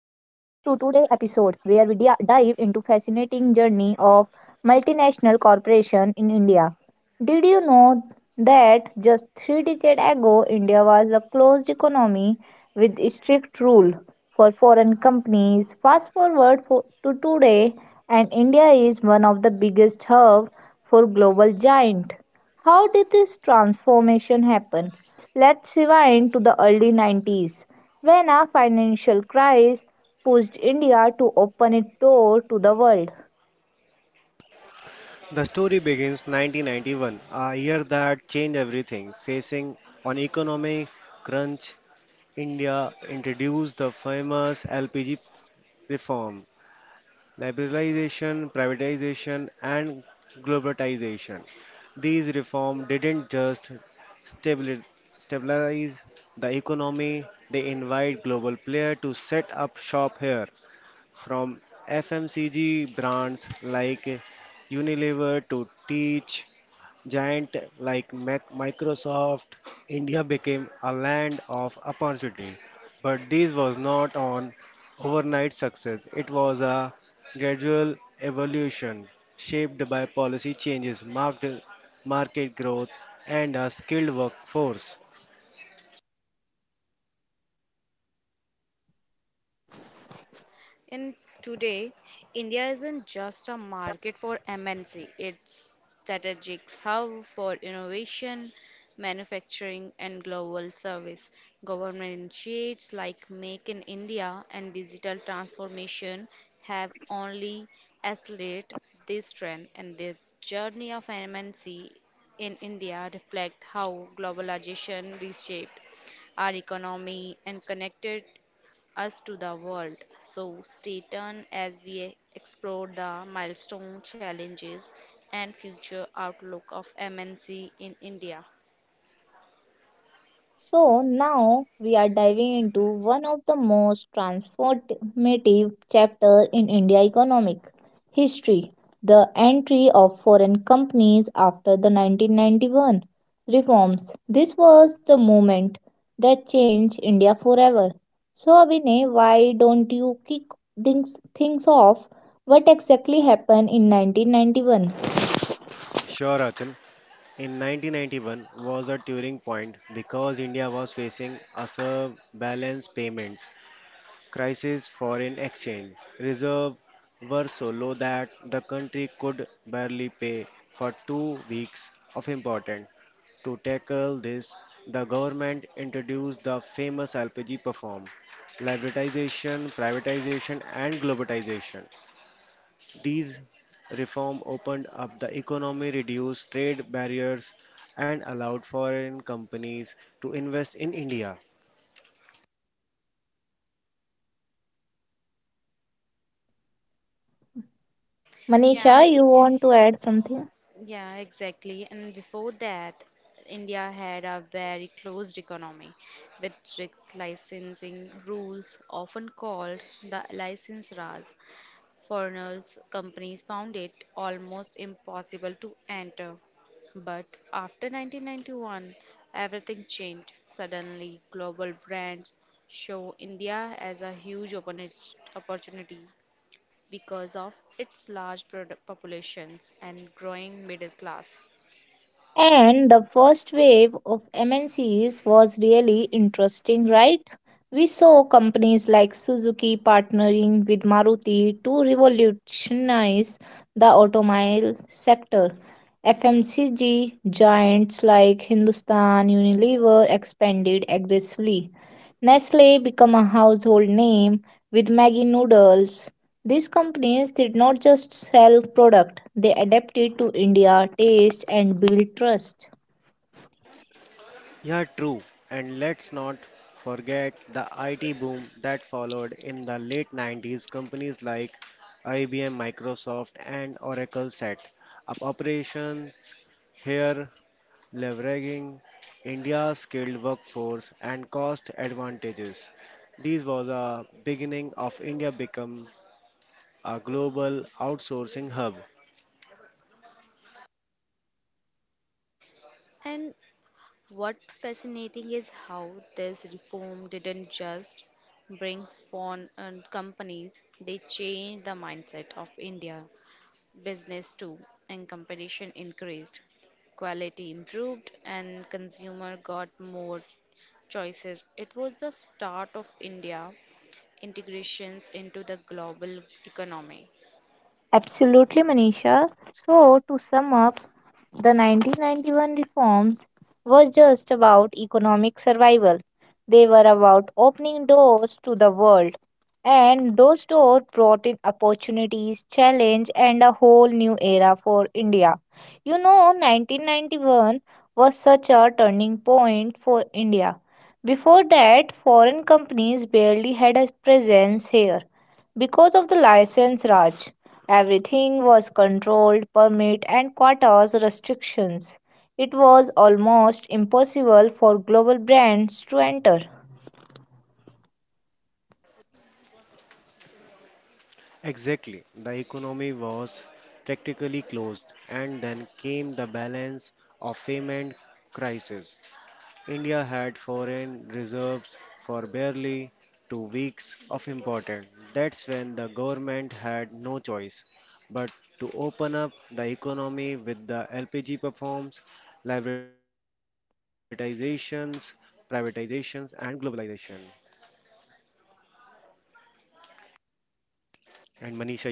episode where we dive into fascinating journey of multinational corporation in India. Did you know that just 3 decades ago India was a closed economy with strict rule for foreign companies? Fast forward to today and India is one of the biggest hub for global giant. How did this transformation happen? Let's rewind to the early 90s when a financial crisis pushed India to open its door to the world. The story begins 1991, a year that changed everything. Facing an economic crunch, India introduced the famous LPG reform, liberalization, privatization, and globalization. These reforms didn't just stabili- stabilize the economy, they invite global players to set up shop here, from FMCG brands like Unilever to Teach Giant like Microsoft, India became a land of opportunity. But this was not an overnight success. It was a gradual evolution shaped by policy changes, marked market growth, and a skilled workforce. And today, India isn't just a market for MNC, it's strategic hub for innovation, manufacturing, and global service. Government initiatives like Make in India and digital transformation have only accelerated this trend, and the journey of MNC in India reflect how globalization reshaped our economy and connected us to the world. So stay tuned as we explore the milestone challenges and future outlook of MNC in India. So now we are diving into one of the most transformative chapter in India economic history, the entry of foreign companies after the 1991 reforms. This was the moment that changed India forever. So Abhinay, why don't you kick things off? What exactly happened in 1991? Sure, Achal. In 1991 was a turning point because India was facing a balance payments crisis, foreign exchange reserves were so low that the country could barely pay for 2 weeks of important. To tackle this, the government introduced the famous LPG reform, liberalization, privatization, and globalization. These reform opened up the economy, reduced trade barriers, and allowed foreign companies to invest in India. Yeah, um, Manisha, you want to add something? yeah, exactly. And before that, India had a very closed economy with strict licensing rules, often called the license Raj. Foreigners companies found it almost impossible to enter. But after 1991, everything changed. Suddenly, global brands show India as a huge opportunity because of its large populations and growing middle class. And the first wave of MNCs was really interesting, right? We saw companies like Suzuki partnering with Maruti to revolutionize the automobile sector. FMCG giants like Hindustan Unilever expanded aggressively. Nestle became a household name with Maggi noodles. These companies did not just sell product, they adapted to India taste and built trust. Yeah, true. And let's not forget the IT boom that followed in the late 90s. Companies like IBM, Microsoft, and Oracle set up operations here, leveraging India's skilled workforce and cost advantages. This was a beginning of India become a global outsourcing hub. And what fascinating is how this reform didn't just bring foreign companies, they changed the mindset of India. Business too, and competition increased. Quality improved, and consumer got more choices. It was the start of India integrations into the global economy. Absolutely, Manisha. So, to sum up, the 1991 reforms were just about economic survival. They were about opening doors to the world. And those doors brought in opportunities, challenge, and a whole new era for India. You know, 1991 was such a turning point for India. Before that, foreign companies barely had a presence here. Because of the license Raj, everything was controlled, permit and quotas restrictions. It was almost impossible for global brands to enter. Exactly. The economy was practically closed, and then came the balance of payment crisis. India had foreign reserves for barely 2 weeks of important. That's when the government had no choice but to open up the economy with the LPG reforms, liberalizations, privatizations, and globalization. And Manisha,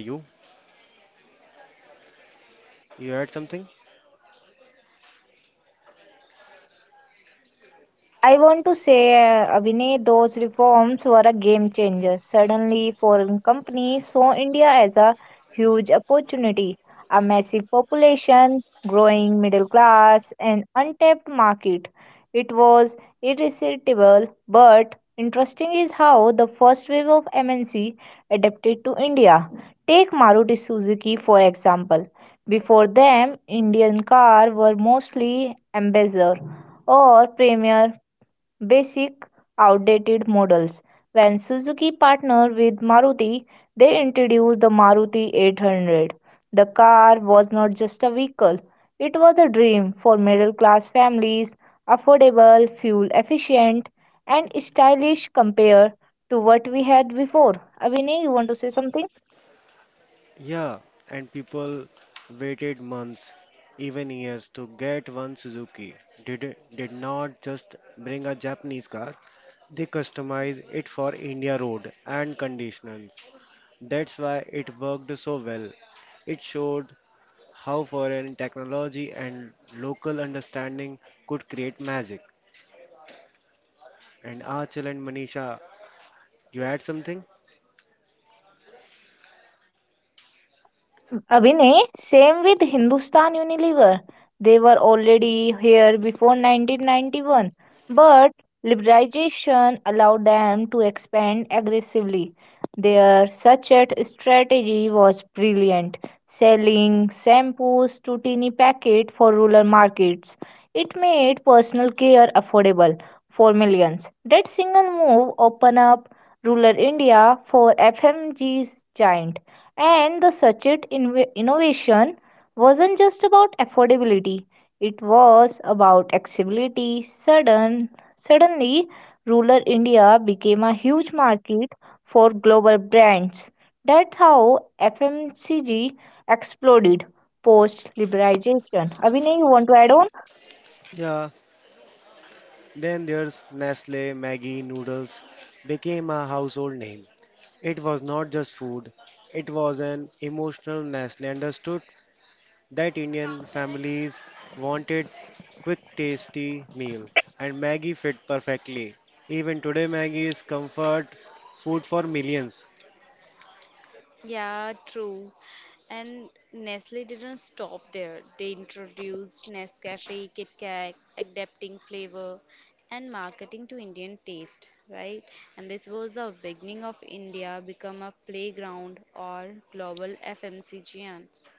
you had something? I want to say, Vinay, those reforms were a game changer. Suddenly, foreign companies saw India as a huge opportunity, a massive population, growing middle class, and untapped market. It was irresistible, but interesting is how the first wave of MNC adapted to India. Take Maruti Suzuki, for example. Before them, Indian cars were mostly ambassador or premier basic, outdated models. When Suzuki partnered with Maruti, they introduced the Maruti 800. The car was not just a vehicle, it was a dream for middle class families, affordable, fuel efficient, and stylish compared to what we had before. Abhinay, you want to say something? Yeah, and people waited months, even years, to get one Suzuki. Did not just bring a Japanese car; they customized it for India road and conditions. That's why it worked so well. It showed how foreign technology and local understanding could create magic. And Achal and Manisha, you add something? Abhinay, same with Hindustan Unilever. They were already here before 1991, but liberalization allowed them to expand aggressively. Their such a strategy was brilliant, selling shampoos to tiny packet for rural markets. It made personal care affordable for millions. That single move opened up rural India for FMG's giant, and the Sachit innovation wasn't just about affordability, it was about accessibility. Suddenly, rural India became a huge market for global brands. That's how FMCG exploded post liberalization. Abhinay, you want to add on? Yeah. Then there's Nestle, Maggie noodles became a household name. It was not just food, it was an emotional nest. They understood that Indian families wanted quick, tasty meal, and Maggie fit perfectly. Even today, Maggie is comfort food for millions. Yeah, true. And Nestle didn't stop there. They introduced Nescafe, Kit Kat, adapting flavor and marketing to Indian taste, right? And this was the beginning of India become a playground or global FMCG giants.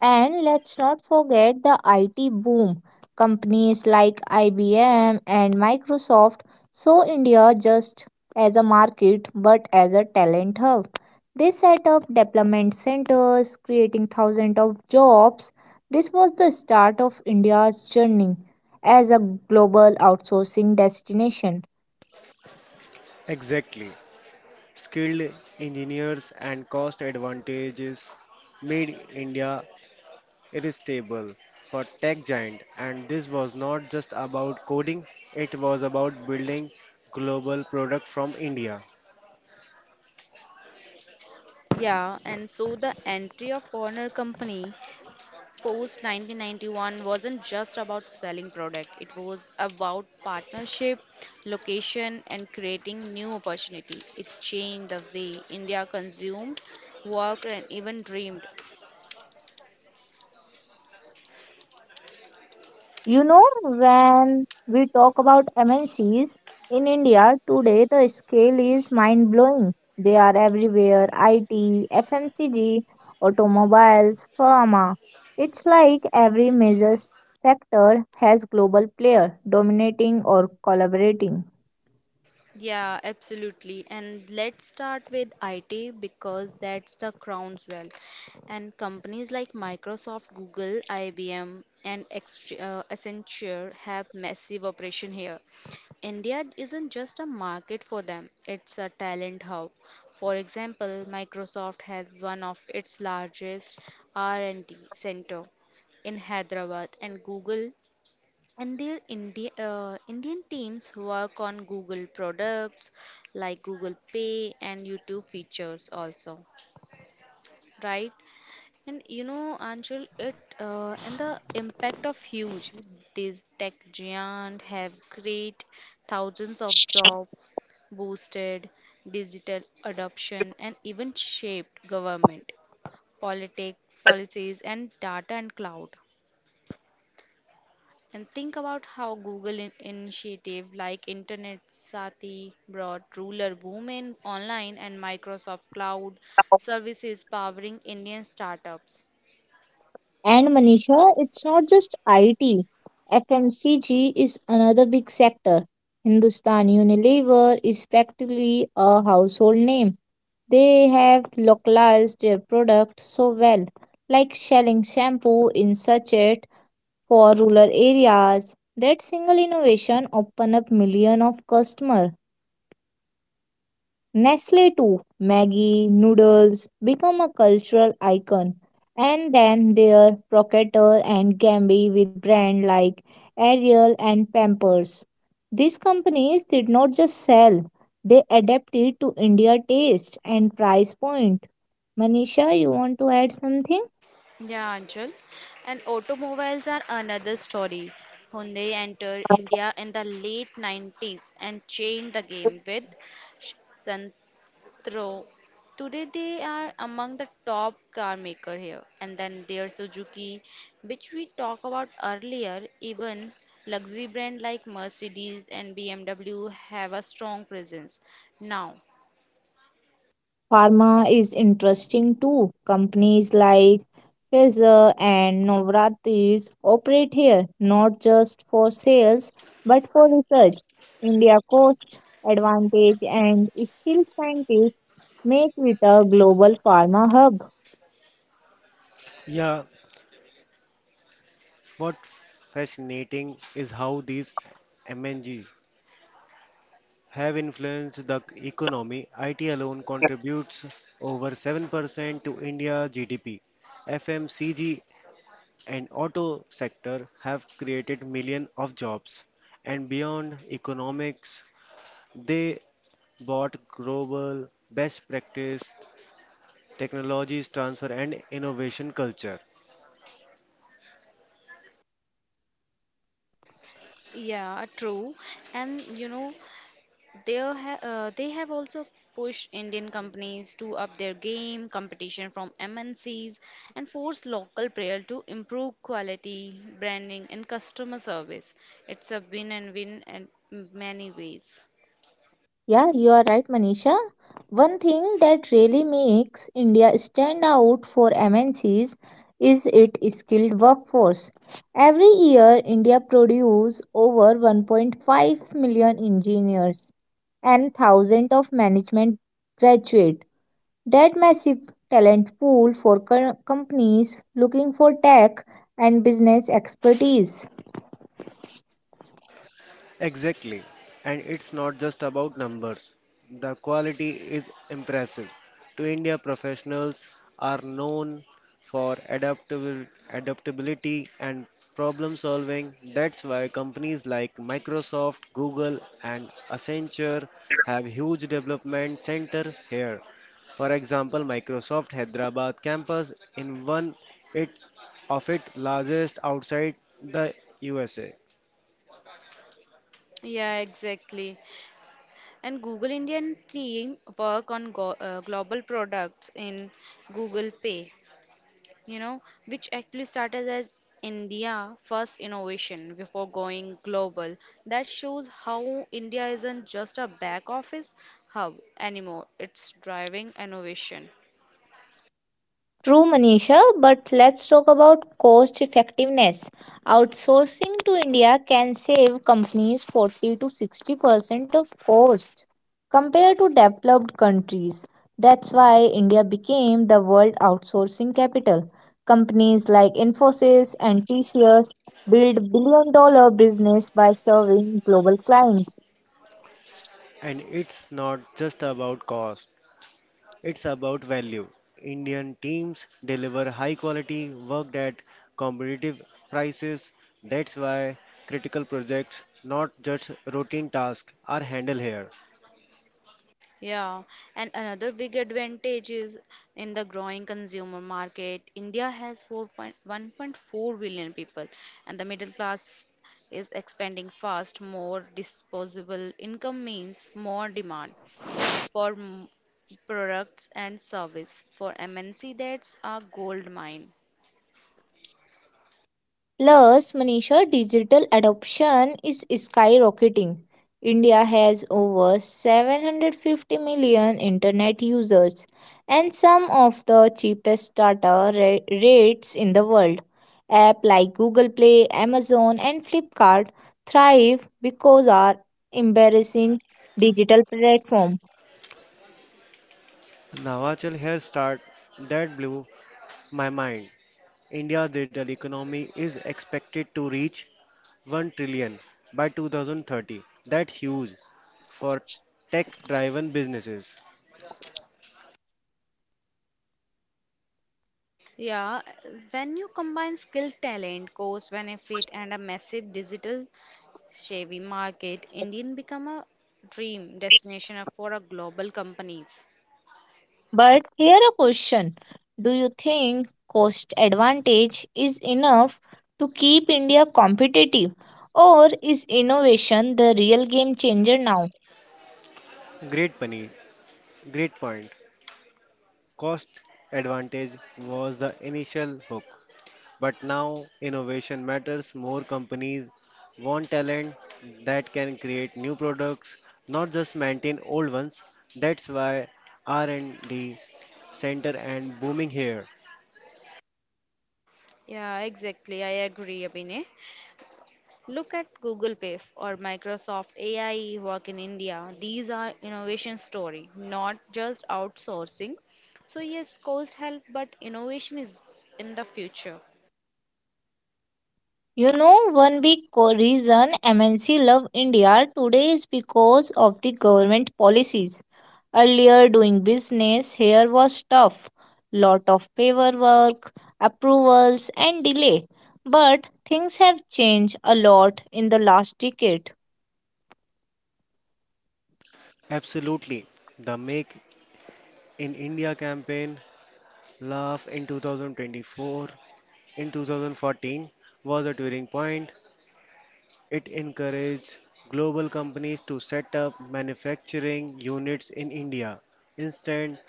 And let's not forget the IT boom. Companies like IBM and Microsoft saw India just as a market but as a talent hub. They set up development centers, creating thousands of jobs. This was the start of India's journey as a global outsourcing destination. Exactly. Skilled engineers and cost advantages made India irresistible for tech giant, and this was not just about coding, it was about building global product from India. Yeah, and so the entry of Warner Company post 1991 wasn't just about selling product, it was about partnership location and creating new opportunity. It changed the way india consumed, worked, and even dreamed. You know, when we talk about MNCs in India today, the scale is mind blowing. They are everywhere: IT, FMCG, automobiles, pharma. It's like every major sector has global player dominating or collaborating. Yeah, absolutely. And let's start with IT because that's the crown jewel. And companies like Microsoft, Google, IBM, and Accenture have massive operation here. India isn't just a market for them, it's a talent hub. For example, Microsoft has one of its largest R&D center in Hyderabad, and Google and their Indian teams work on Google products like Google Pay and YouTube features also, right? And you know, Anshul, it and the impact of huge. These tech giant have created thousands of job, boosted digital adoption, and even shaped government politics, policies, and data and cloud. And think about how Google initiative like Internet Sati brought ruler women online and Microsoft Cloud services powering Indian startups. And Manisha, it's not just IT. FMCG is another big sector. Hindustan Unilever is practically a household name. They have localized their product so well, like selling shampoo in sachet for rural areas. That single innovation opened up millions of customers. Nestle too, Maggie noodles become a cultural icon, and then their Procter and Gamble with brands like Ariel and Pampers. These companies did not just sell; they adapted to India taste and price point. Manisha, you want to add something? Yeah, Anchal. And automobiles are another story. Hyundai entered India in the late 90s and changed the game with Throw. Today they are among the top car maker here. And then there's Suzuki, which we talked about earlier. Even luxury brand like Mercedes and BMW have a strong presence now. Pharma is interesting too. Companies like Pfizer and Novartis operate here not just for sales but for research. India cost advantage and skilled scientists make it a global pharma hub. Yeah. What fascinating is how these MNG have influenced the economy. IT alone contributes over 7% to India's GDP. FMCG and auto sector have created millions of jobs. And beyond economics, they brought global best practice, technologies transfer and innovation culture. Yeah, true. And you know, they have also pushed Indian companies to up their game, competition from MNCs, and forced local player to improve quality, branding, and customer service. It's a win and win in many ways. Yeah, you are right, Manisha. One thing that really makes India stand out for MNCs is its skilled workforce. Every year, India produces over 1.5 million engineers and thousands of management graduates. That massive talent pool for companies looking for tech and business expertise. Exactly. And it's not just about numbers. The quality is impressive. To India, professionals are known for adaptability and problem solving. That's why companies like Microsoft, Google, and Accenture have huge development center here. For example, Microsoft Hyderabad campus in it, of its largest outside the USA. Yeah, exactly. And Google Indian team work on go global products in Google Pay, you know, which actually started as India first innovation before going global. That shows how India isn't just a back office hub anymore, it's driving innovation. True, Manisha, but let's talk about cost effectiveness. Outsourcing to India can save companies 40 to 60% of cost compared to developed countries. That's why India became the world outsourcing capital. Companies like Infosys and TCS build billion dollar business by serving global clients. And it's not just about cost, it's about value. Indian teams deliver high quality work at competitive prices. That's why critical projects, not just routine tasks, are handled here. Yeah, and another big advantage is in the growing consumer market. India has 4.1.4 billion people, and the middle class is expanding fast. More disposable income means more demand for products and service. For MNC, that's a gold mine. Plus, Manisha, digital adoption is skyrocketing. India has over 750 million internet users and some of the cheapest data rates in the world. Apps like Google Play, Amazon, and Flipkart thrive because our embarrassing digital platform. Navachal Hair Start that blew my mind. India's digital economy is expected to reach 1 trillion by 2030. That's huge for tech driven businesses. Yeah, when you combine skill, talent, cost benefit, and a massive digital Chevy market, Indian become a dream destination for a global companies. But here a question. Do you think cost advantage is enough to keep India competitive? Or is innovation the real game changer now? Great, Pani. Great point. Cost advantage was the initial hook, but now innovation matters more. Companies want talent that can create new products, not just maintain old ones. That's why R&D center and booming here. Yeah, exactly. I agree, Abhinay. Look at Google Pay or Microsoft AI work in India. These are innovation story, not just outsourcing. So yes, cost help, but innovation is in the future. You know, one big reason MNC love India today is because of the government policies. Earlier, doing business here was tough, lot of paperwork, approvals, and delay. But things have changed a lot in the last decade. Absolutely. The Make in India campaign, laugh in 2024, in 2014 was a turning point. It encouraged global companies to set up manufacturing units in India instead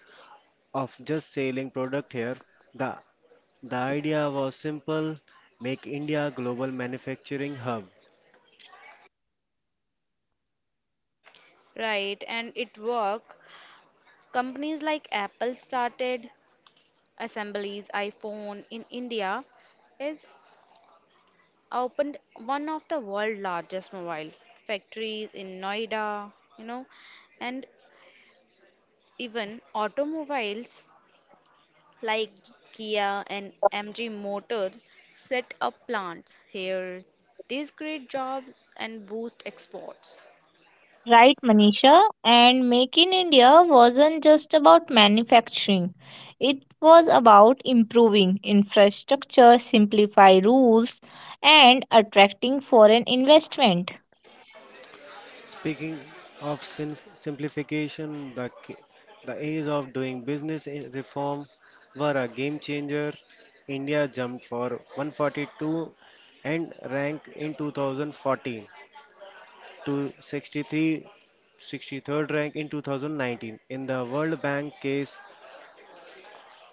of just selling product here. The, the idea was simple, make India a global manufacturing hub. Right, and it work. Companies like Apple started assemblies iPhone in India. It's opened one of the world's largest mobile factories in Noida, you know, and even automobiles like Kia and MG Motors set up plants here. These create jobs and boost exports. Right, Manisha. And Make in India wasn't just about manufacturing, it was about improving infrastructure, simplify rules, and attracting foreign investment. Speaking of simplification, the age of doing business reform were a game changer. India jumped for 142 and ranked in 2014 to 63 63rd rank in 2019 in the World Bank Case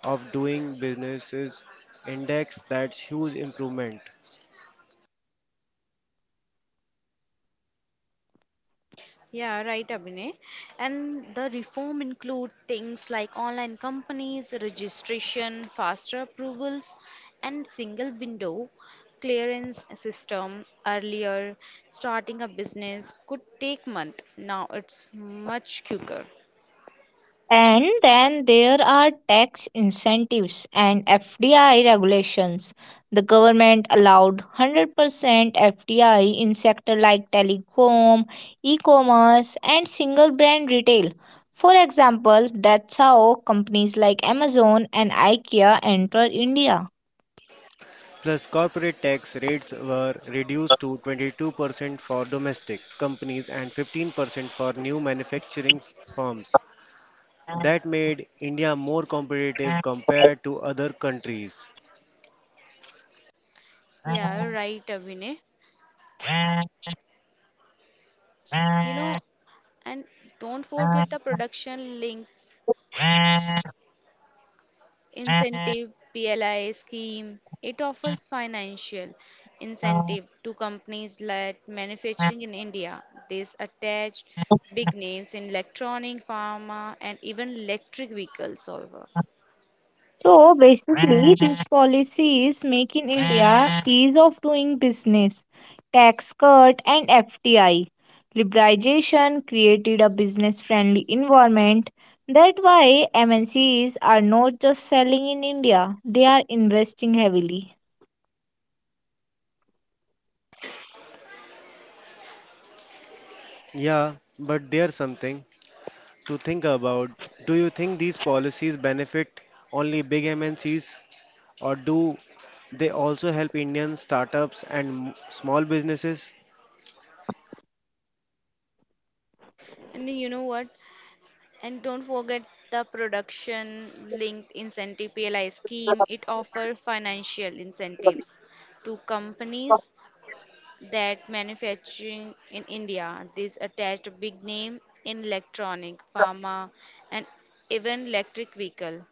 of Doing Businesses Index. That's huge improvement. Yeah, right, Abhinay. And the reform include things like online companies, registration, faster approvals, and single window clearance system. Earlier, starting a business could take month. Now it's much quicker. And then there are tax incentives and FDI regulations. The government allowed 100% FDI in sectors like telecom, e commerce, and single brand retail. For example, that's how companies like Amazon and IKEA enter India. Plus, corporate tax rates were reduced to 22% for domestic companies and 15% for new manufacturing firms. That made India more competitive compared to other countries. Yeah, right, Abhinay. You know, and don't forget the production link incentive PLI scheme. It offers financial incentive to companies like manufacturing in India. This attached big names in electronic, pharma, and even electric vehicles. Also, So basically, these policies, Make in India, ease of doing business, tax cut, and FDI Liberalization created a business friendly environment. That's why MNCs are not just selling in India, they are investing heavily. Yeah, but there's something to think about. Do you think these policies benefit only big MNCs, or do they also help Indian startups and small businesses? and then you know what? And don't forget the production linked incentive PLI scheme. It offers financial incentives to companies that manufacturing in India. This attached a big name in electronic, pharma, and even electric vehicle.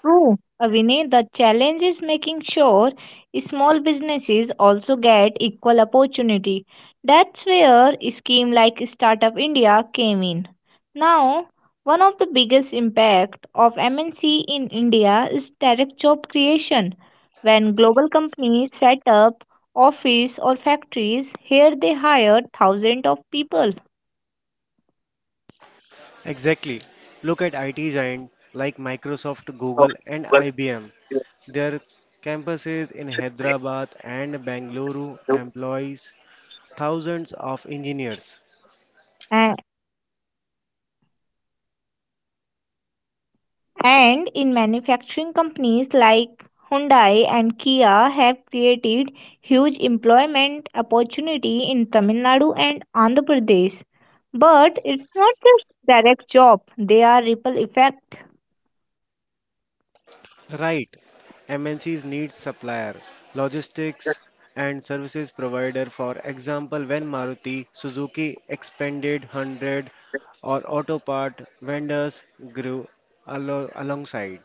True, Vinay, the challenge is making sure small businesses also get equal opportunity. That's where a scheme like Startup India came in. Now, one of the biggest impact of MNC in India is direct job creation. When global companies set up office or factories here, they hire thousands of people. Exactly. Look at IT giants like Microsoft, Google, and IBM. Their campuses in Hyderabad and Bangalore employs thousands of engineers. And in manufacturing companies like Hyundai and Kia have created huge employment opportunity in Tamil Nadu and Andhra Pradesh. But it's not just direct job, they are ripple effect. Right. MNCs need supplier, logistics and services provider. For example, when Maruti Suzuki expanded, 100 or auto part vendors grew alongside.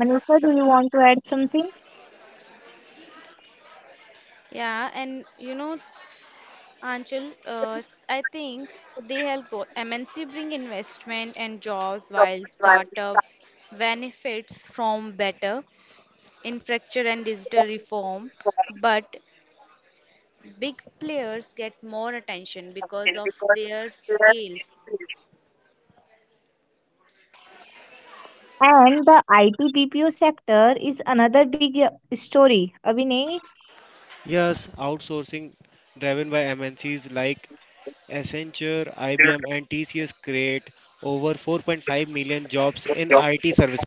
Manisha, do you want to add something? Yeah, and you know, Anchal, I think they help both MNC bring investment and jobs while startups benefits from better infrastructure and digital reform. But big players get more attention because of their scale. And the IT BPO sector is another big story. Abhinay, Yes, outsourcing driven by MNCs like Accenture, IBM and TCS create over 4.5 million jobs in IT services.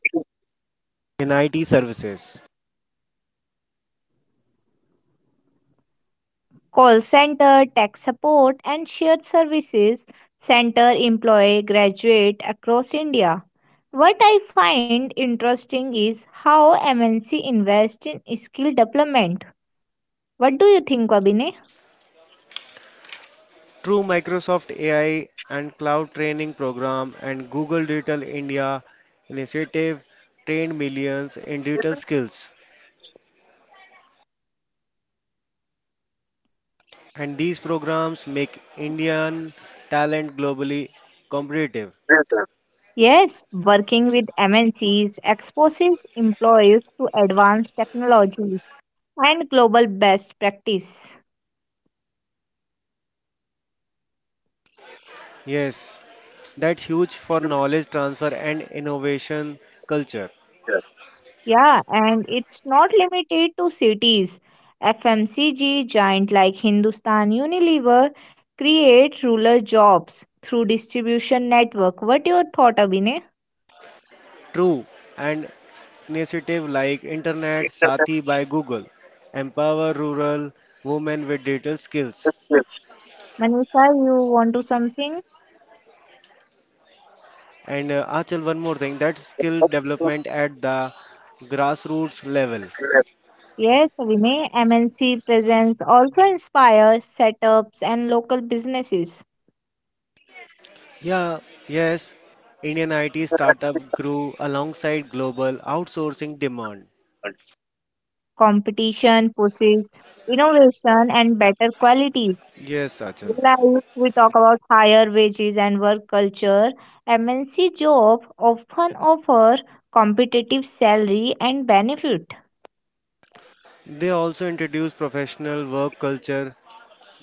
In IT services. call center, tech support, and shared services center employ graduate across India. What I find interesting is how MNC invest in skill development. What do you think, Abhinay? Through Microsoft AI and Cloud Training Program and Google Digital India Initiative trained millions in digital skills. And these programs make Indian talent globally competitive. Yes, working with MNCs exposes employees to advanced technologies and global best practice. Yes, that's huge for knowledge transfer and innovation culture. Yeah, and it's not limited to cities. FMCG giant like Hindustan Unilever create rural jobs through distribution network. What your thought, Abhinay? True, and initiative like Internet Sati by Google empower rural women with digital skills. Manisha, you want to something? And Achal, one more thing, that's skill development at the grassroots level. Yes, Vinay, MNC presence also inspires setups and local businesses. Yeah, yes, Indian IT startup grew alongside global outsourcing demand. Competition pushes innovation and better qualities. Yes, Achal. Like we talk about higher wages and work culture, MNC job often offer competitive salary and benefit. They also introduce professional work culture,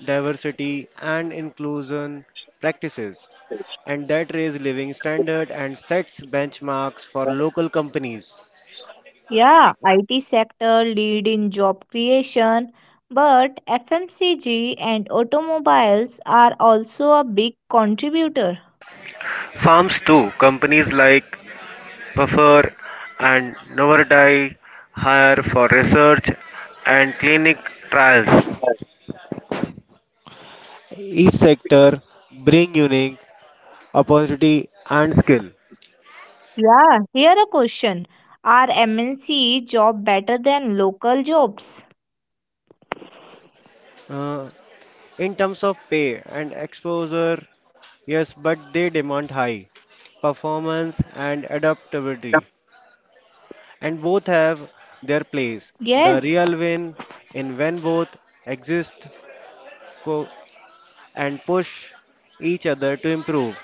diversity, and inclusion practices, and that raise living standard and sets benchmarks for local companies. Yeah, IT sector lead in job creation, but FMCG and automobiles are also a big contributor. Farms too. Companies like Buffer and Novardi hire for research and clinic trials. Each sector bring unique opportunity and skill. Yeah, here a question. Are MNC job better than local jobs? Uh, in terms of pay and exposure, yes, but they demand high performance and adaptability, and both have their place. Yes. The real win in when both exist co- and push each other to improve.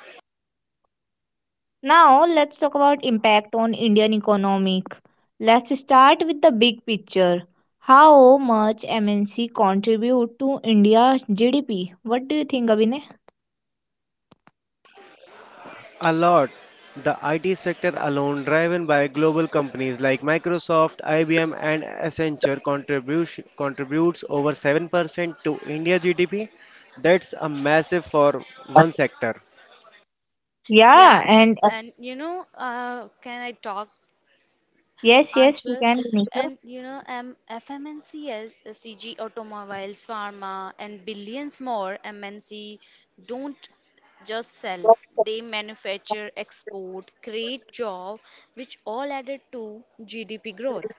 Now let's talk about impact on Indian economic. Let's start with the big picture. How much MNC contribute to India's GDP? What do you think, Abhinay? A lot. The IT sector alone, driven by global companies like Microsoft, IBM, and Accenture, contributes over 7% to India GDP. That's a massive for one sector. Yeah, Yeah, and and you know, can I talk, yes, yes, you Anshul? can make And you know, FMNCs, the CG Automobiles, Pharma, and billions more MNC don't just sell; they manufacture, export, create job, which all added to GDP growth.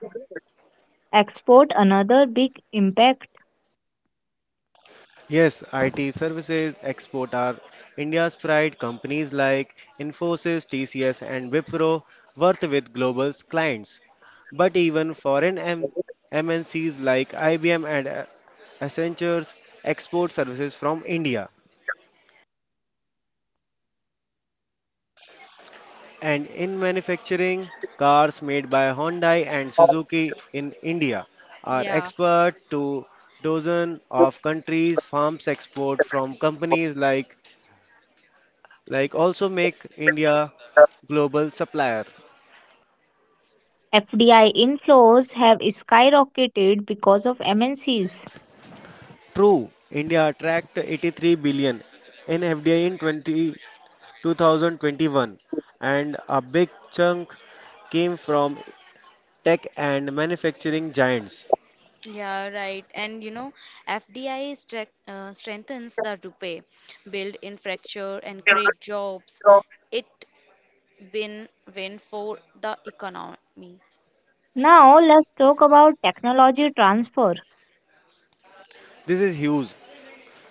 export another big impact. Yes, IT services export are India's pride. Companies like Infosys, TCS, and Wipro work with global clients. But even foreign MNCs like IBM and Accenture export services from India. And in manufacturing, cars made by Hyundai and Suzuki in India are Yeah, export to dozen of countries. Farms export from companies like also make India global supplier. FDI inflows have skyrocketed because of MNCs. True, India attract 83 billion in FDI in 2021, and a big chunk came from tech and manufacturing giants. yeah, right. And you know, FDI strengthens the rupee, build infrastructure, and create jobs. It been win for the economy. Now let's talk about technology transfer. This is huge.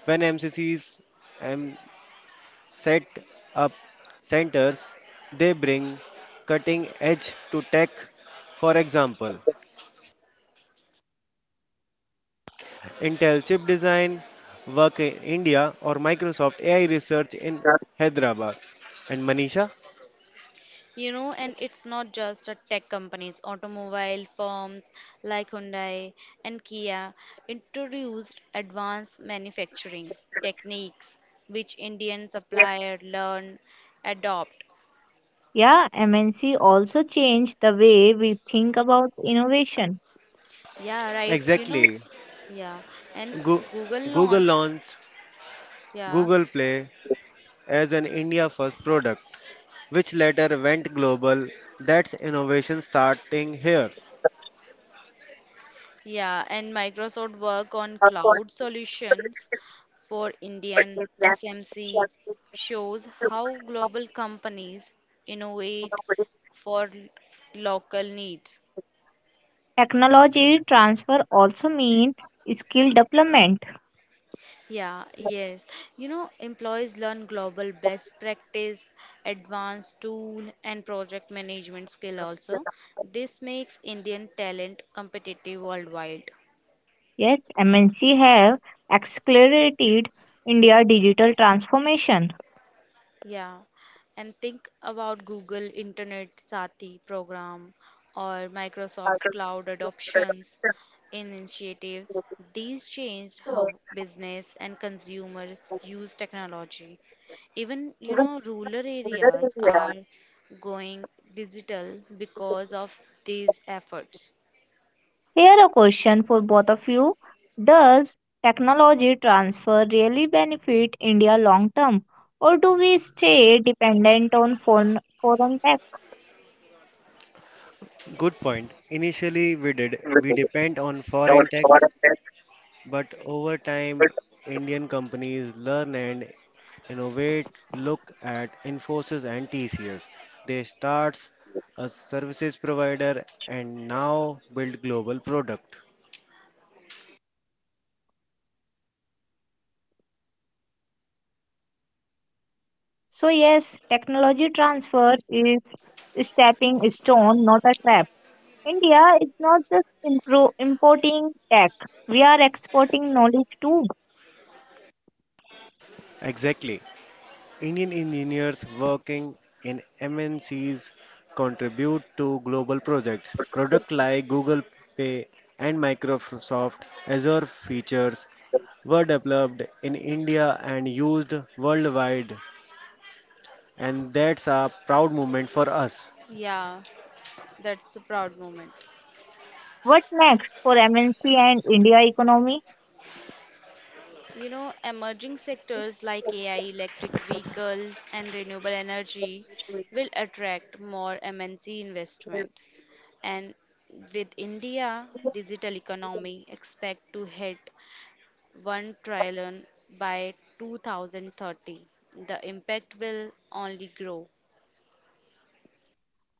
When MCCs um, set up centers, they bring cutting edge to tech. For example, Intel Chip Design Work in India or Microsoft AI Research in Hyderabad. And Manisha? You know, and it's not just the tech companies, automobile firms like Hyundai and Kia introduced advanced manufacturing techniques which Indian suppliers learn, adopt. Yeah, MNC also changed the way we think about innovation. Yeah, right, you know. Exactly. Yeah, and Goo- Google Google launched, launched yeah, Google Play as an India first product, which later went global. That's innovation starting here. yeah. And Microsoft work on cloud solutions for Indian SMC shows how global companies innovate for local needs. Technology transfer also mean skill development. Yeah, yes. You know, employees learn global best practice, advanced tool, and project management skill also. This makes Indian talent competitive worldwide. Yes, MNC have accelerated India digital transformation. Yeah, and think about Google Internet Sati program or Microsoft Cloud adoptions initiatives. These changed how business and consumer use technology. Even, you know, rural areas are going digital because of these efforts. Here a question for both of you. Does technology transfer really benefit India long term, or do we stay dependent on foreign tech? Good point. Initially, we depend on foreign tech, but over time, Indian companies learn and innovate. Look at Infosys and TCS. They start a services provider and now build global product. So, yes, technology transfer is a stepping stone, not a trap. India is not just importing tech, we are exporting knowledge too. Exactly. Indian engineers working in MNCs contribute to global projects. Products like Google Pay and Microsoft Azure features were developed in India and used worldwide, and that's a proud moment for us. Yeah, that's a proud moment. What next for MNC and India economy? You know, emerging sectors like AI, electric vehicles, and renewable energy will attract more MNC investment. And with India digital economy expect to hit 1 trillion by 2030. The impact will only grow.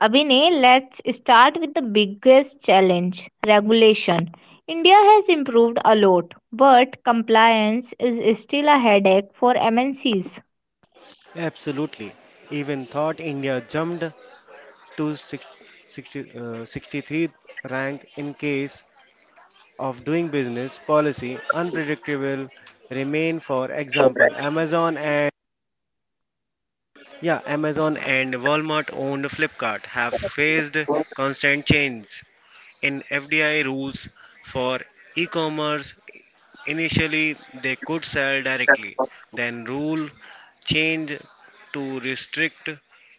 Abhinay, let's start with the biggest challenge regulation. India has improved a lot, but compliance is still a headache for MNCs. Absolutely. Even thought India jumped to 60, 63rd rank in case of doing business policy unpredictable remain, for example, Amazon and, yeah, Amazon and Walmart owned Flipkart have faced constant change in FDI rules for e-commerce. Initially, they could sell directly, then rule changed to restrict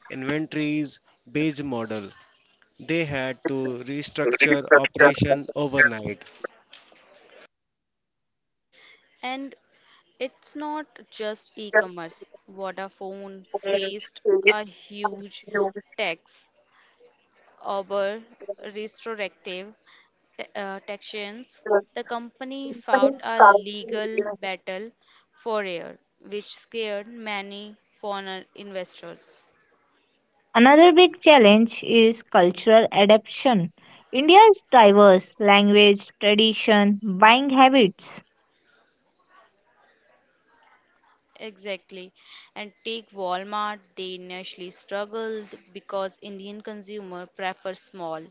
inventories based model. They had to restructure operation overnight. And it's not just e-commerce. Vodafone faced a huge tax over restorative taxations, the company fought a legal battle for air, which scared many foreign investors. Another big challenge is cultural adaptation. India's diverse language, tradition, buying habits, Exactly. And take Walmart, they initially struggled because Indian consumer prefer small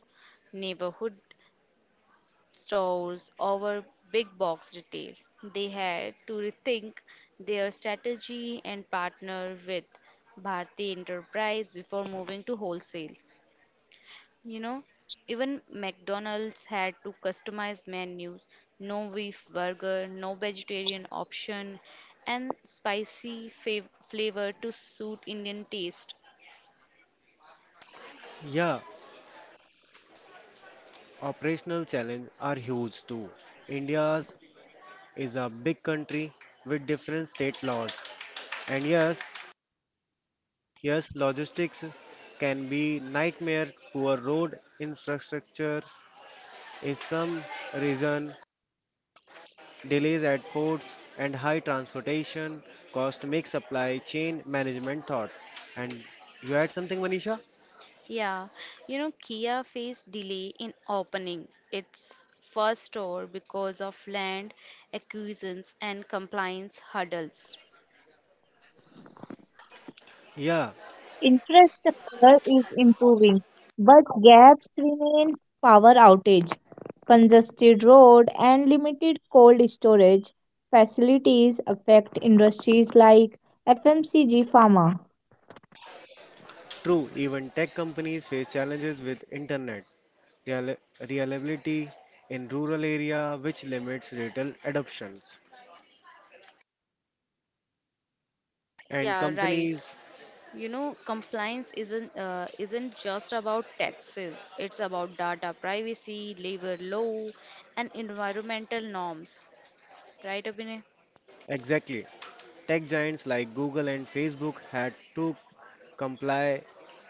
neighborhood stores over big box retail. They had to rethink their strategy and partner with Bharti Enterprise before moving to wholesale. You know, even McDonald's had to customize menus, no beef burger, no vegetarian option, and spicy flavor to suit Indian taste. Yeah, operational challenges are huge too. India's is a big country with different state laws. And yes, logistics can be nightmare, poor road infrastructure, is some reason delays at ports and high transportation cost make supply chain management thought. And you had something, Manisha? Yeah, you know, Kia faced delay in opening its first store because of land acquisitions and compliance hurdles. Yeah, infrastructure is improving, but gaps remain power outage, congested road and limited cold storage facilities affect industries like FMCG pharma. true. Even tech companies face challenges with internet reali- reliability in rural area, which limits retail adoptions. And Yeah, right. companies, You know, compliance isn't just about taxes. It's about data privacy, labor law, and environmental norms. Right, Abhinay? exactly. Tech giants like Google and Facebook had to comply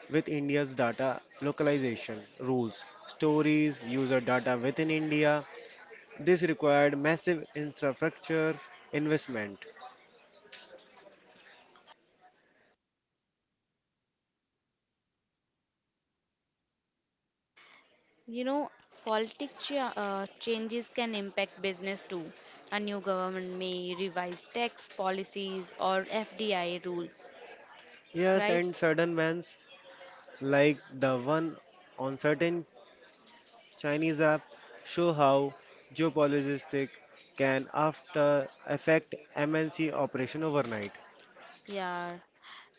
with India's data localization rules, stories, user data within India. This required massive infrastructure investment. You know, changes can impact business too. A new government may revise tax policies or FDI rules, Yes, right? and sudden bans like the one on certain Chinese app show how geopolitics can after affect MNC operation overnight. Yeah.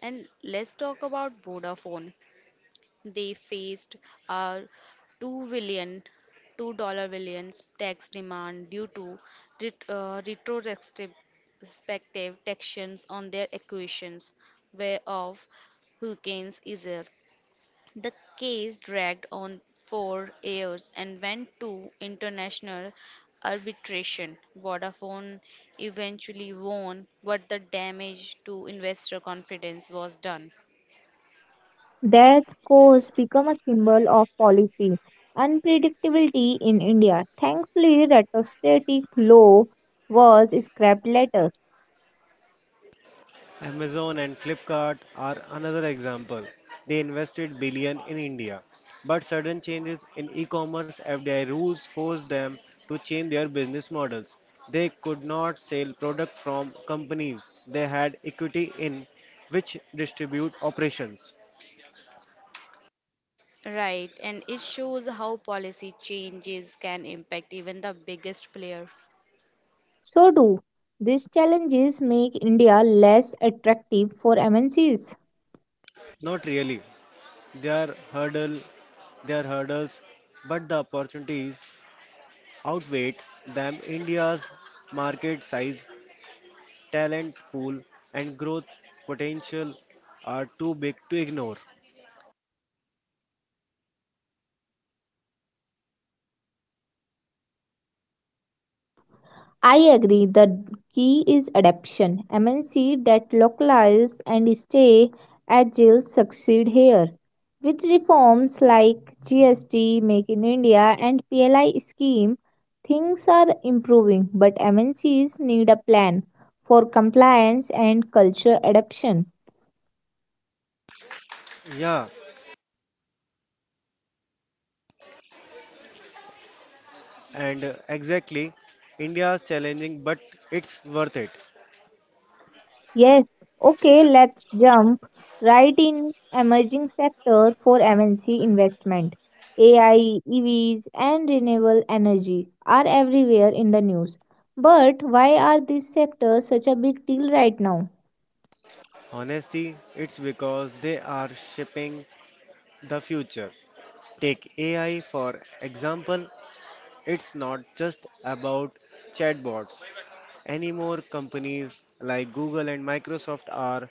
And let's talk about Vodafone. They faced a 2 billion, $2 billion tax demand due to ret- retrospective respective taxations on their acquisitions, whereof Hurricanes Isaac. The case dragged on for years and went to international arbitration. Vodafone eventually won, but the damage to investor confidence was done. That course become a symbol of policy unpredictability in India. Thankfully, retrostatic law was scrapped later. Amazon and Flipkart are another example. They invested billion in India, but sudden changes in e-commerce FDI rules forced them to change their business models. They could not sell product from companies they had equity in, which distribute operations. Right, and it shows how policy changes can impact even the biggest player. So do these challenges make India less attractive for MNCs? Not really. Their hurdle, their hurdles, but the opportunities outweighed them. India's market size, talent pool, and growth potential are too big to ignore. I agree. The key is adaptation. MNC that localize and stay agile succeed here. With reforms like GST, Make in India, and PLI scheme, things are improving, but MNCs need a plan for compliance and culture adaptation. Yeah, and exactly, India is challenging, but it's worth it. Yes, okay, let's jump right in emerging sector for MNC investment. AI, EVs and renewable energy are everywhere in the news. But why are these sectors such a big deal right now? It's because they are shaping the future. Take AI for example, it's not just about chatbots anymore. Companies like Google and Microsoft are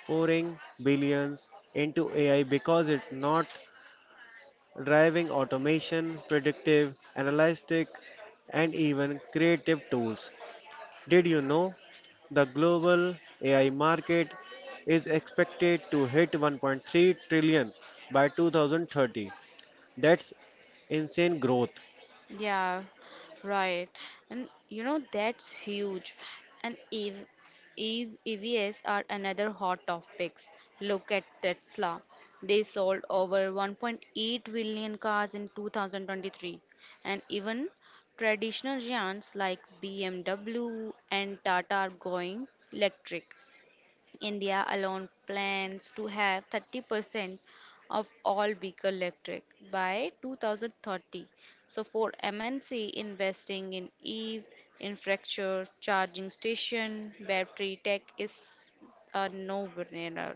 pouring billions into AI because it's not driving automation, predictive, analytic, and even creative tools. Did you know the global AI market is expected to hit 1.3 trillion by 2030? That's insane growth. Yeah, right. And you know, that's huge. And EVs are another hot topics. Look at Tesla. They sold over 1.8 billion cars in 2023. And even traditional giants like BMW and Tata are going electric. India alone plans to have 30% of all vehicle electric by 2030. So for MNC investing in EV infrastructure, charging station, battery tech is a no-brainer.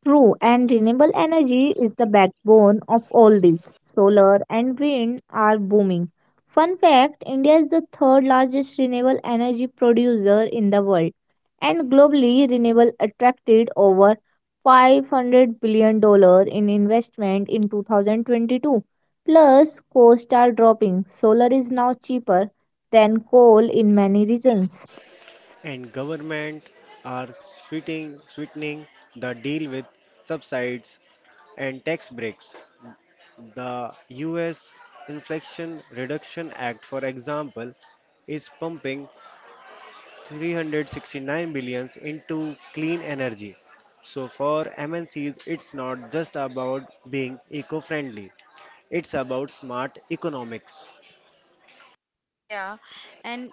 True, and renewable energy is the backbone of all this. Solar and wind are booming. Fun fact, India is the third largest renewable energy producer in the world, and globally, renewable attracted over $500 billion dollars in investment in 2022. Plus, costs are dropping. Solar is now cheaper than coal in many regions. And government are sweetening the deal with subsidies and tax breaks. The US Inflation Reduction Act, for example, is pumping 369 billions into clean energy. So for MNCs, it's not just about being eco-friendly. It's about smart economics. Yeah, and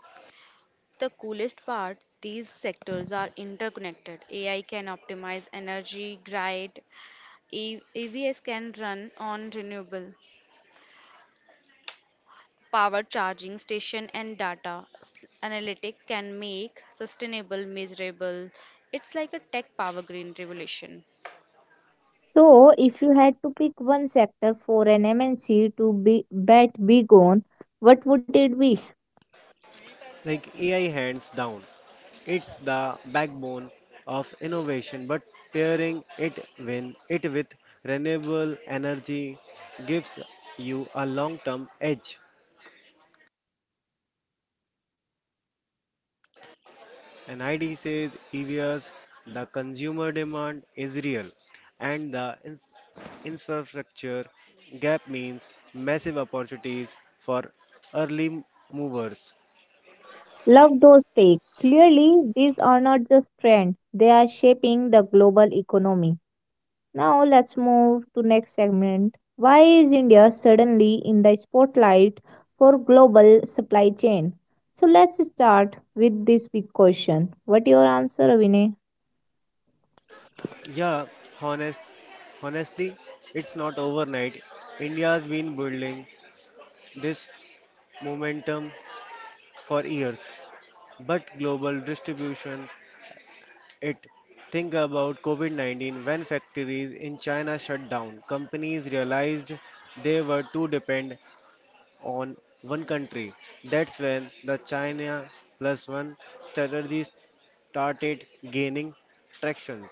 the coolest part, these sectors are interconnected. AI can optimize energy, grid, EVs can run on renewable, power charging station and analytic can make sustainable measurable. It's like a tech power green revolution. So, if you had to pick one sector for an MNC to be bet big on, what would it be? Like AI hands down. It's the backbone of innovation, but pairing it when it with renewable energy gives you a long-term edge. And ID says EVS, the consumer demand is real, and the infrastructure gap means massive opportunities for early movers. Love those takes. Clearly, these are not just trends; they are shaping the global economy. Now, let's move to next segment. Why is India suddenly in the spotlight for global supply chain? So, let's start with this big question. What your answer, Vinay? Yeah, honest, honestly, it's not overnight. India's been building this momentum for years, but global distribution. It. Think about COVID 19 when factories in China shut down. Companies realized they were too dependent on one country. That's when the China plus one strategy started gaining tractions.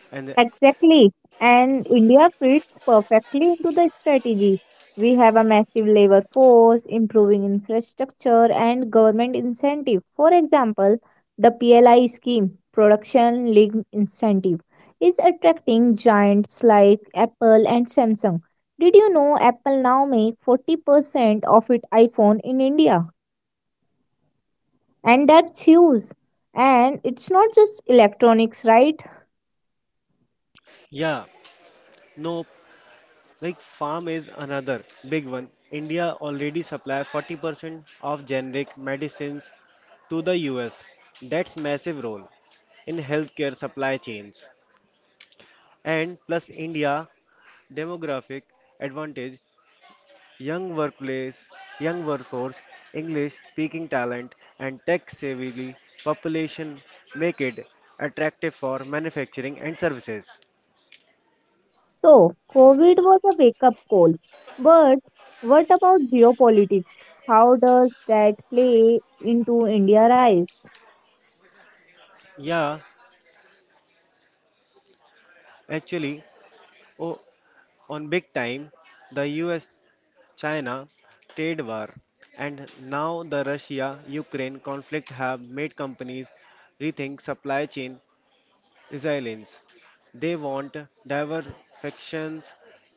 And Exactly. And India fits perfectly into the strategy. We have a massive labor force, improving infrastructure, and government incentive. For example, the PLI scheme, Production Linked Incentive, is attracting giants like Apple and Samsung. Did you know Apple now make 40% of its iPhone in India? And that's huge. And it's not just electronics, right? yeah, nope, like farm is another big one. India already supplies 40% of generic medicines to the US. That's massive role in healthcare supply chains. And plus India demographic advantage, young workplace, young workforce, English speaking talent, and tech savvy population make it attractive for manufacturing and services. So, COVID was a wake up call. But what about geopolitics? How does that play into India's rise? Yeah, actually, oh, on big time, the US China trade war and now the Russia Ukraine conflict have made companies rethink supply chain resilience. They want diversifications.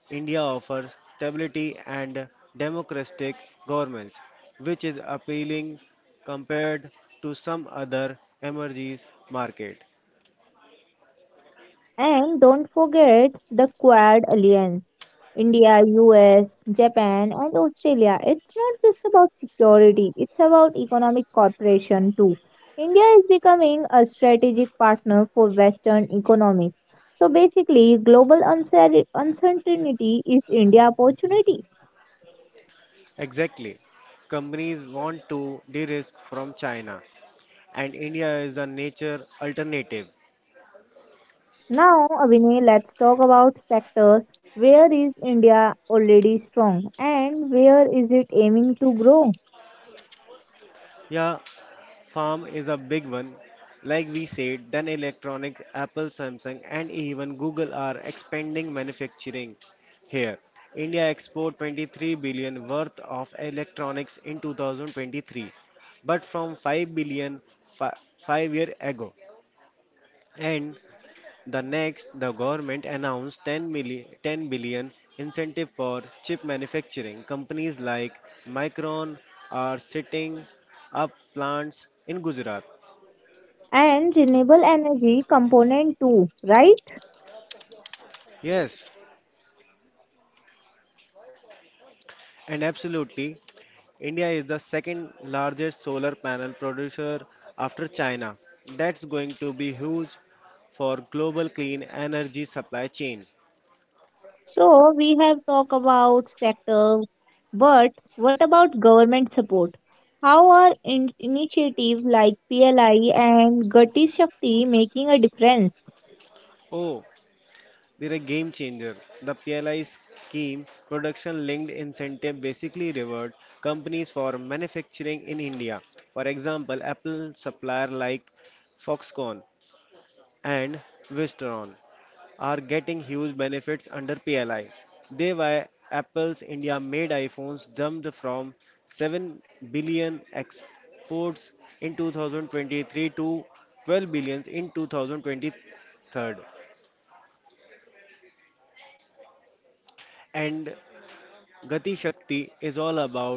India offers stability and democratic governments, which is appealing compared to some other emerging market. And don't forget the Quad Alliance India, US, Japan, and Australia. It's not just about security, it's about economic cooperation too. India is becoming a strategic partner for Western economies. So basically, global uncertainty is India opportunity. Yeah, Exactly. you know. Companies want to de-risk from China, and India is a nature alternative. Now, Abhinay, let's talk about sectors. Where is India already strong and where is it aiming to grow? Yeah, Farm is a big one. Like we said, then electronics, Apple, Samsung, and even Google are expanding manufacturing here. India export 23 billion worth of electronics in 2023, but from 5 billion 5 year ago. And the government announced 10 billion incentive for chip manufacturing. Companies like Micron are setting up plants in Gujarat. And renewable energy component too, right? Yes, and absolutely. India is the second largest solar panel producer after China. That's going to be huge for global clean energy supply chain. So, we have talked about sector, but what about government support? How are initiatives like PLI and Gati Shakti making a difference? Oh, they're a game changer. The PLI scheme, production linked incentive, basically rewards companies for manufacturing in India. For example, Apple supplier like Foxconn and Wistron are getting huge benefits under PLI. They why Apple's India made iPhones jumped from 7 billion exports in 2023 to 12 billions in 2023. And Gati Shakti is all about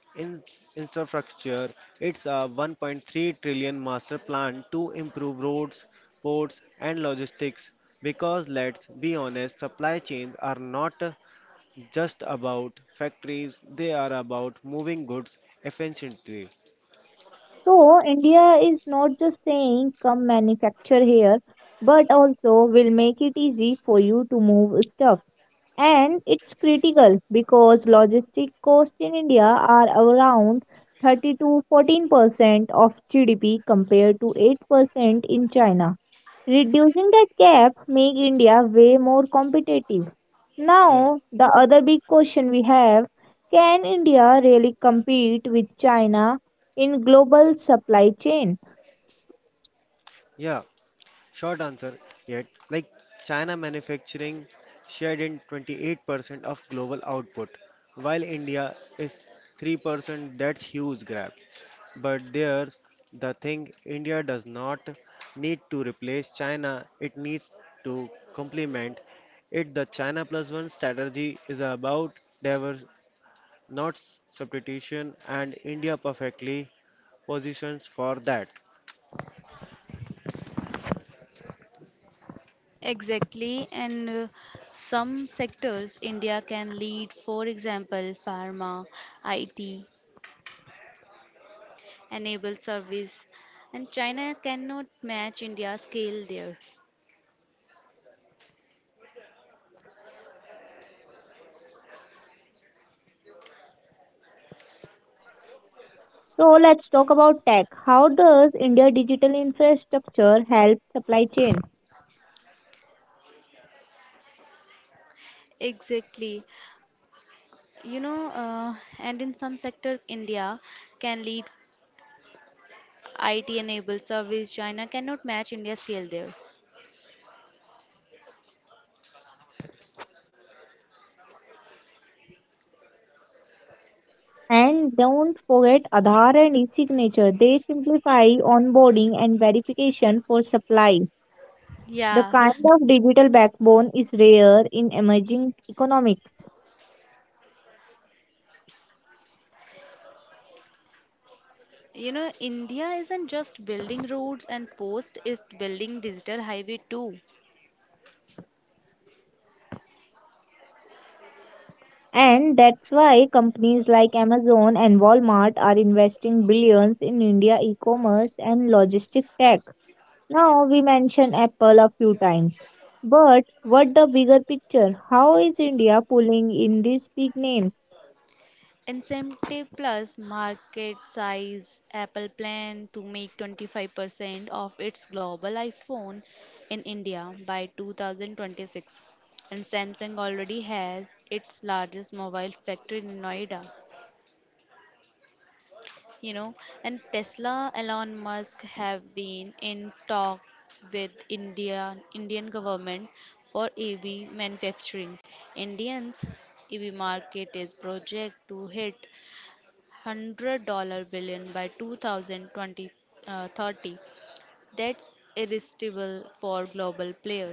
in- infrastructure. It's a 1.3 trillion master plan to improve roads, ports, and logistics because let's be honest, supply chains are not just about factories, they are about moving goods efficiently. So, India is not just saying come manufacture here, but also will make it easy for you to move stuff. And it's critical because logistic costs in India are around 30 to 14% of GDP compared to 8% in China. Reducing that gap make India way more competitive. Yeah, Now, the other big question we have, can India really compete with China in global supply chain? yeah, short answer yet. Like China manufacturing shared in 28% of global output, while India is 3%. That's huge gap. But there's the thing, India does not need to replace China, it needs to complement it. The China plus one strategy is about diverse not substitution, and India perfectly positions for that. Exactly, and some sectors India can lead, for example, pharma, IT, enabled service, and China cannot match India's scale there. So let's talk about tech. How does India digital infrastructure help supply chain? Exactly, and in some sector India can lead IT enabled service, China cannot match India's scale there. And don't forget Aadhaar and e-signature. They simplify onboarding and verification for supply. Yeah, The kind of digital backbone is rare in emerging economics. India isn't just building roads and posts, it's building digital highway too. And that's why companies like Amazon and Walmart are investing billions in India e-commerce and logistic tech. Now we mentioned Apple a few times. But what the bigger picture? How is India pulling in these big names? Incentive Plus market size Apple plan to make 25% of its global iPhone in India by 2026. And Samsung already has its largest mobile factory in Noida. you know and Tesla Elon Musk have been in talk with India indian government for EV manufacturing. Indians EV market is project to hit $100 billion by 2020, 30. That's irresistible for global players.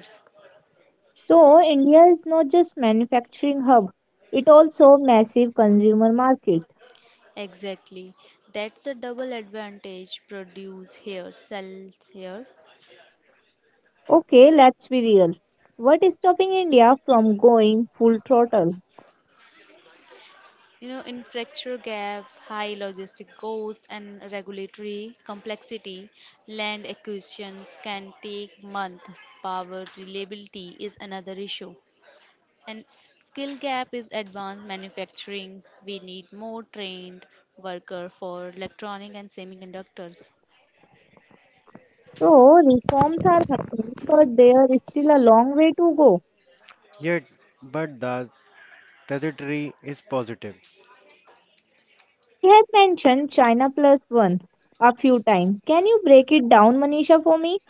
So India is not just manufacturing hub, it also massive consumer market. Exactly, that's the double advantage, produce here sells here. Okay, let's be real. What is stopping India from going full throttle? You know, infrastructure gap, high logistic cost, and regulatory complexity, land acquisitions can take months. Power reliability is another issue. And skill gap is advanced manufacturing. We need more trained worker for electronic and semiconductors. So, reforms are happening, but there is still a long way to go. Yet, but the trajectory is positive. We had mentioned China plus one a few times. Can you break it down, Manisha, for me?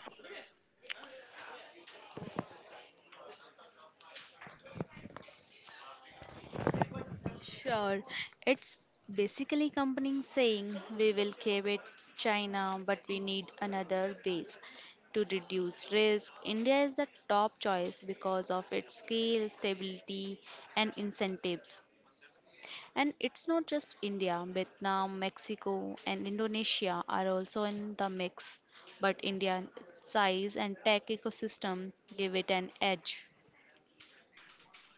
Sure, it's basically company saying we will cave it China, but we need another base to reduce risk. India is the top choice because of its scale, stability, and incentives. And it's not just India, Vietnam, Mexico, and Indonesia are also in the mix, but India's size and tech ecosystem give it an edge.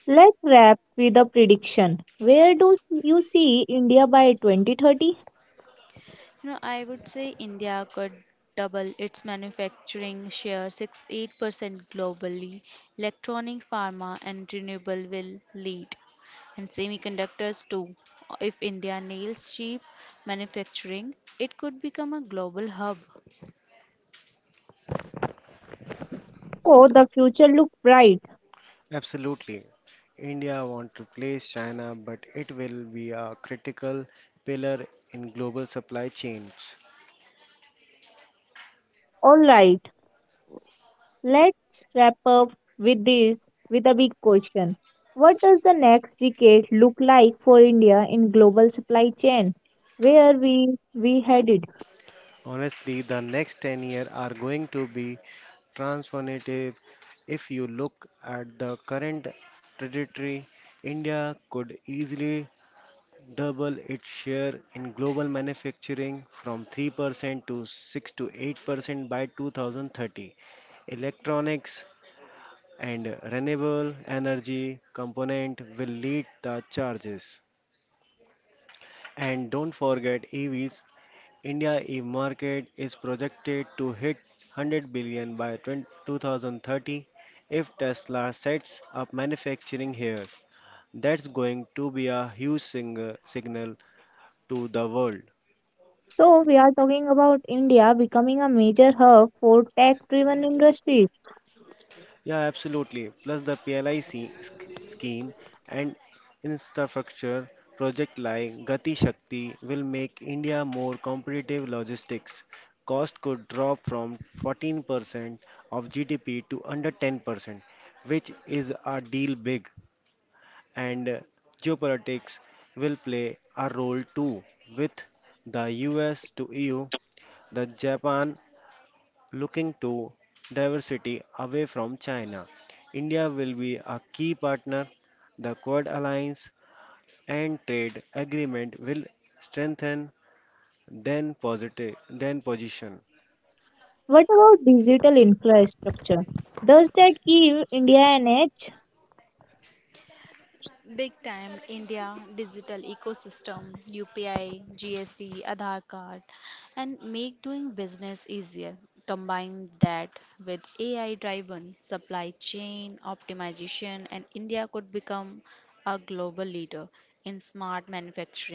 Let's wrap with a prediction. Where do you see India by 2030? You know, I would say India could double its manufacturing share 6-8% globally. Electronic, pharma, and renewable will lead, and semiconductors too. If India nails cheap manufacturing, it could become a global hub. So, the future looks bright. Absolutely. India wants to replace China, but it will be a critical pillar in global supply chains. All right, let's wrap up with a big question. What does the next decade look like for India in global supply chain? Where we headed? Honestly, the next 10 years are going to be transformative. If you look at the current trajectory, India could easily double its share in global manufacturing from 3% to 6 to 8% by 2030. Electronics and renewable energy component will lead the charges. And don't forget EVs, India e-market is projected to hit 100 billion by 20 2030 if Tesla sets up manufacturing here. That's going to be a huge signal to the world. So, we are talking about India becoming a major hub for tech driven industries. Yeah, absolutely. Plus the scheme and infrastructure project like Gati Shakti will make India more competitive logistics. Cost could drop from 14% of GDP to under 10%, which is a deal big. And geopolitics will play a role too, with the US to EU, the Japan looking to diversity away from China, India will be a key partner. The Quad Alliance and trade agreement will strengthen then position. What about digital infrastructure? Does that give India an edge? Big time India digital ecosystem, UPI, GST, Aadhaar card, and make doing business easier. Combine that with AI driven supply chain optimization, and India could become a global leader in smart manufacturing.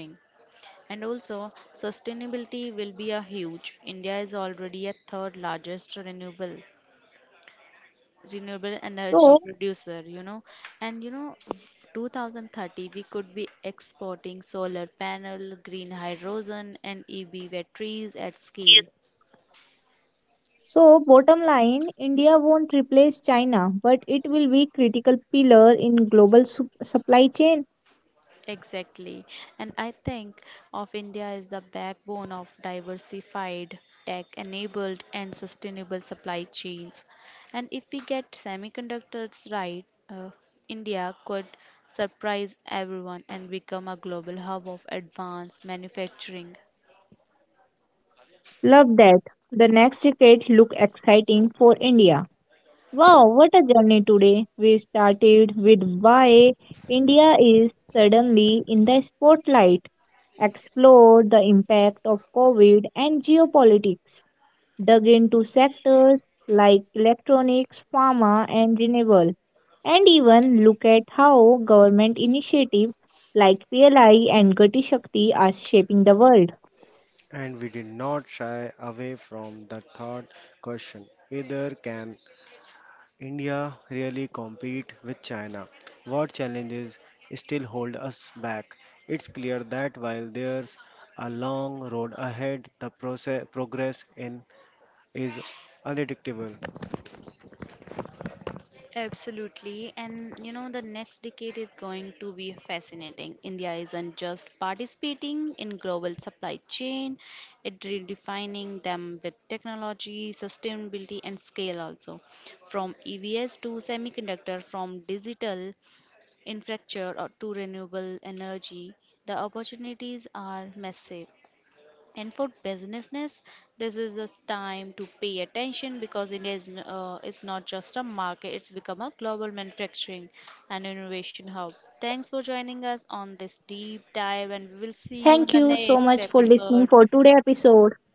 And also, sustainability will be a huge. India is already a third largest renewable energy So, producer. And 2030 we could be exporting solar panel, green hydrogen and EV batteries at scale. so bottom line, India won't replace China, but it will be critical pillar in global supply chain. Exactly, and I think of India is the backbone of diversified tech enabled and sustainable supply chains. And if we get semiconductors right, uh, India could surprise everyone and become a global hub of advanced manufacturing. Love that. The next decade look exciting for India. Wow, what a journey today! We started with why India is suddenly in the spotlight, explored the impact of COVID and geopolitics, dug into sectors like electronics, pharma, and renewable, and even look at how government initiatives like PLI and Gati Shakti are shaping the world. And we did not shy away from the third question either, can India really compete with China? What challenges still hold us back? It's clear that while there's a long road ahead, the progress in is unpredictable. Absolutely. And you know, the next decade is going to be fascinating. India isn't just participating in global supply chain, it redefining them with technology, sustainability and scale also. From EVs to semiconductor, from digital infrastructure or to renewable energy, the opportunities are massive. And for businesses, this is the time to pay attention because India is not just a market, it's become a global manufacturing and innovation hub. Thanks for joining us on this deep dive, and we will see you in the Thank you next so much for episode. listening for today's episode.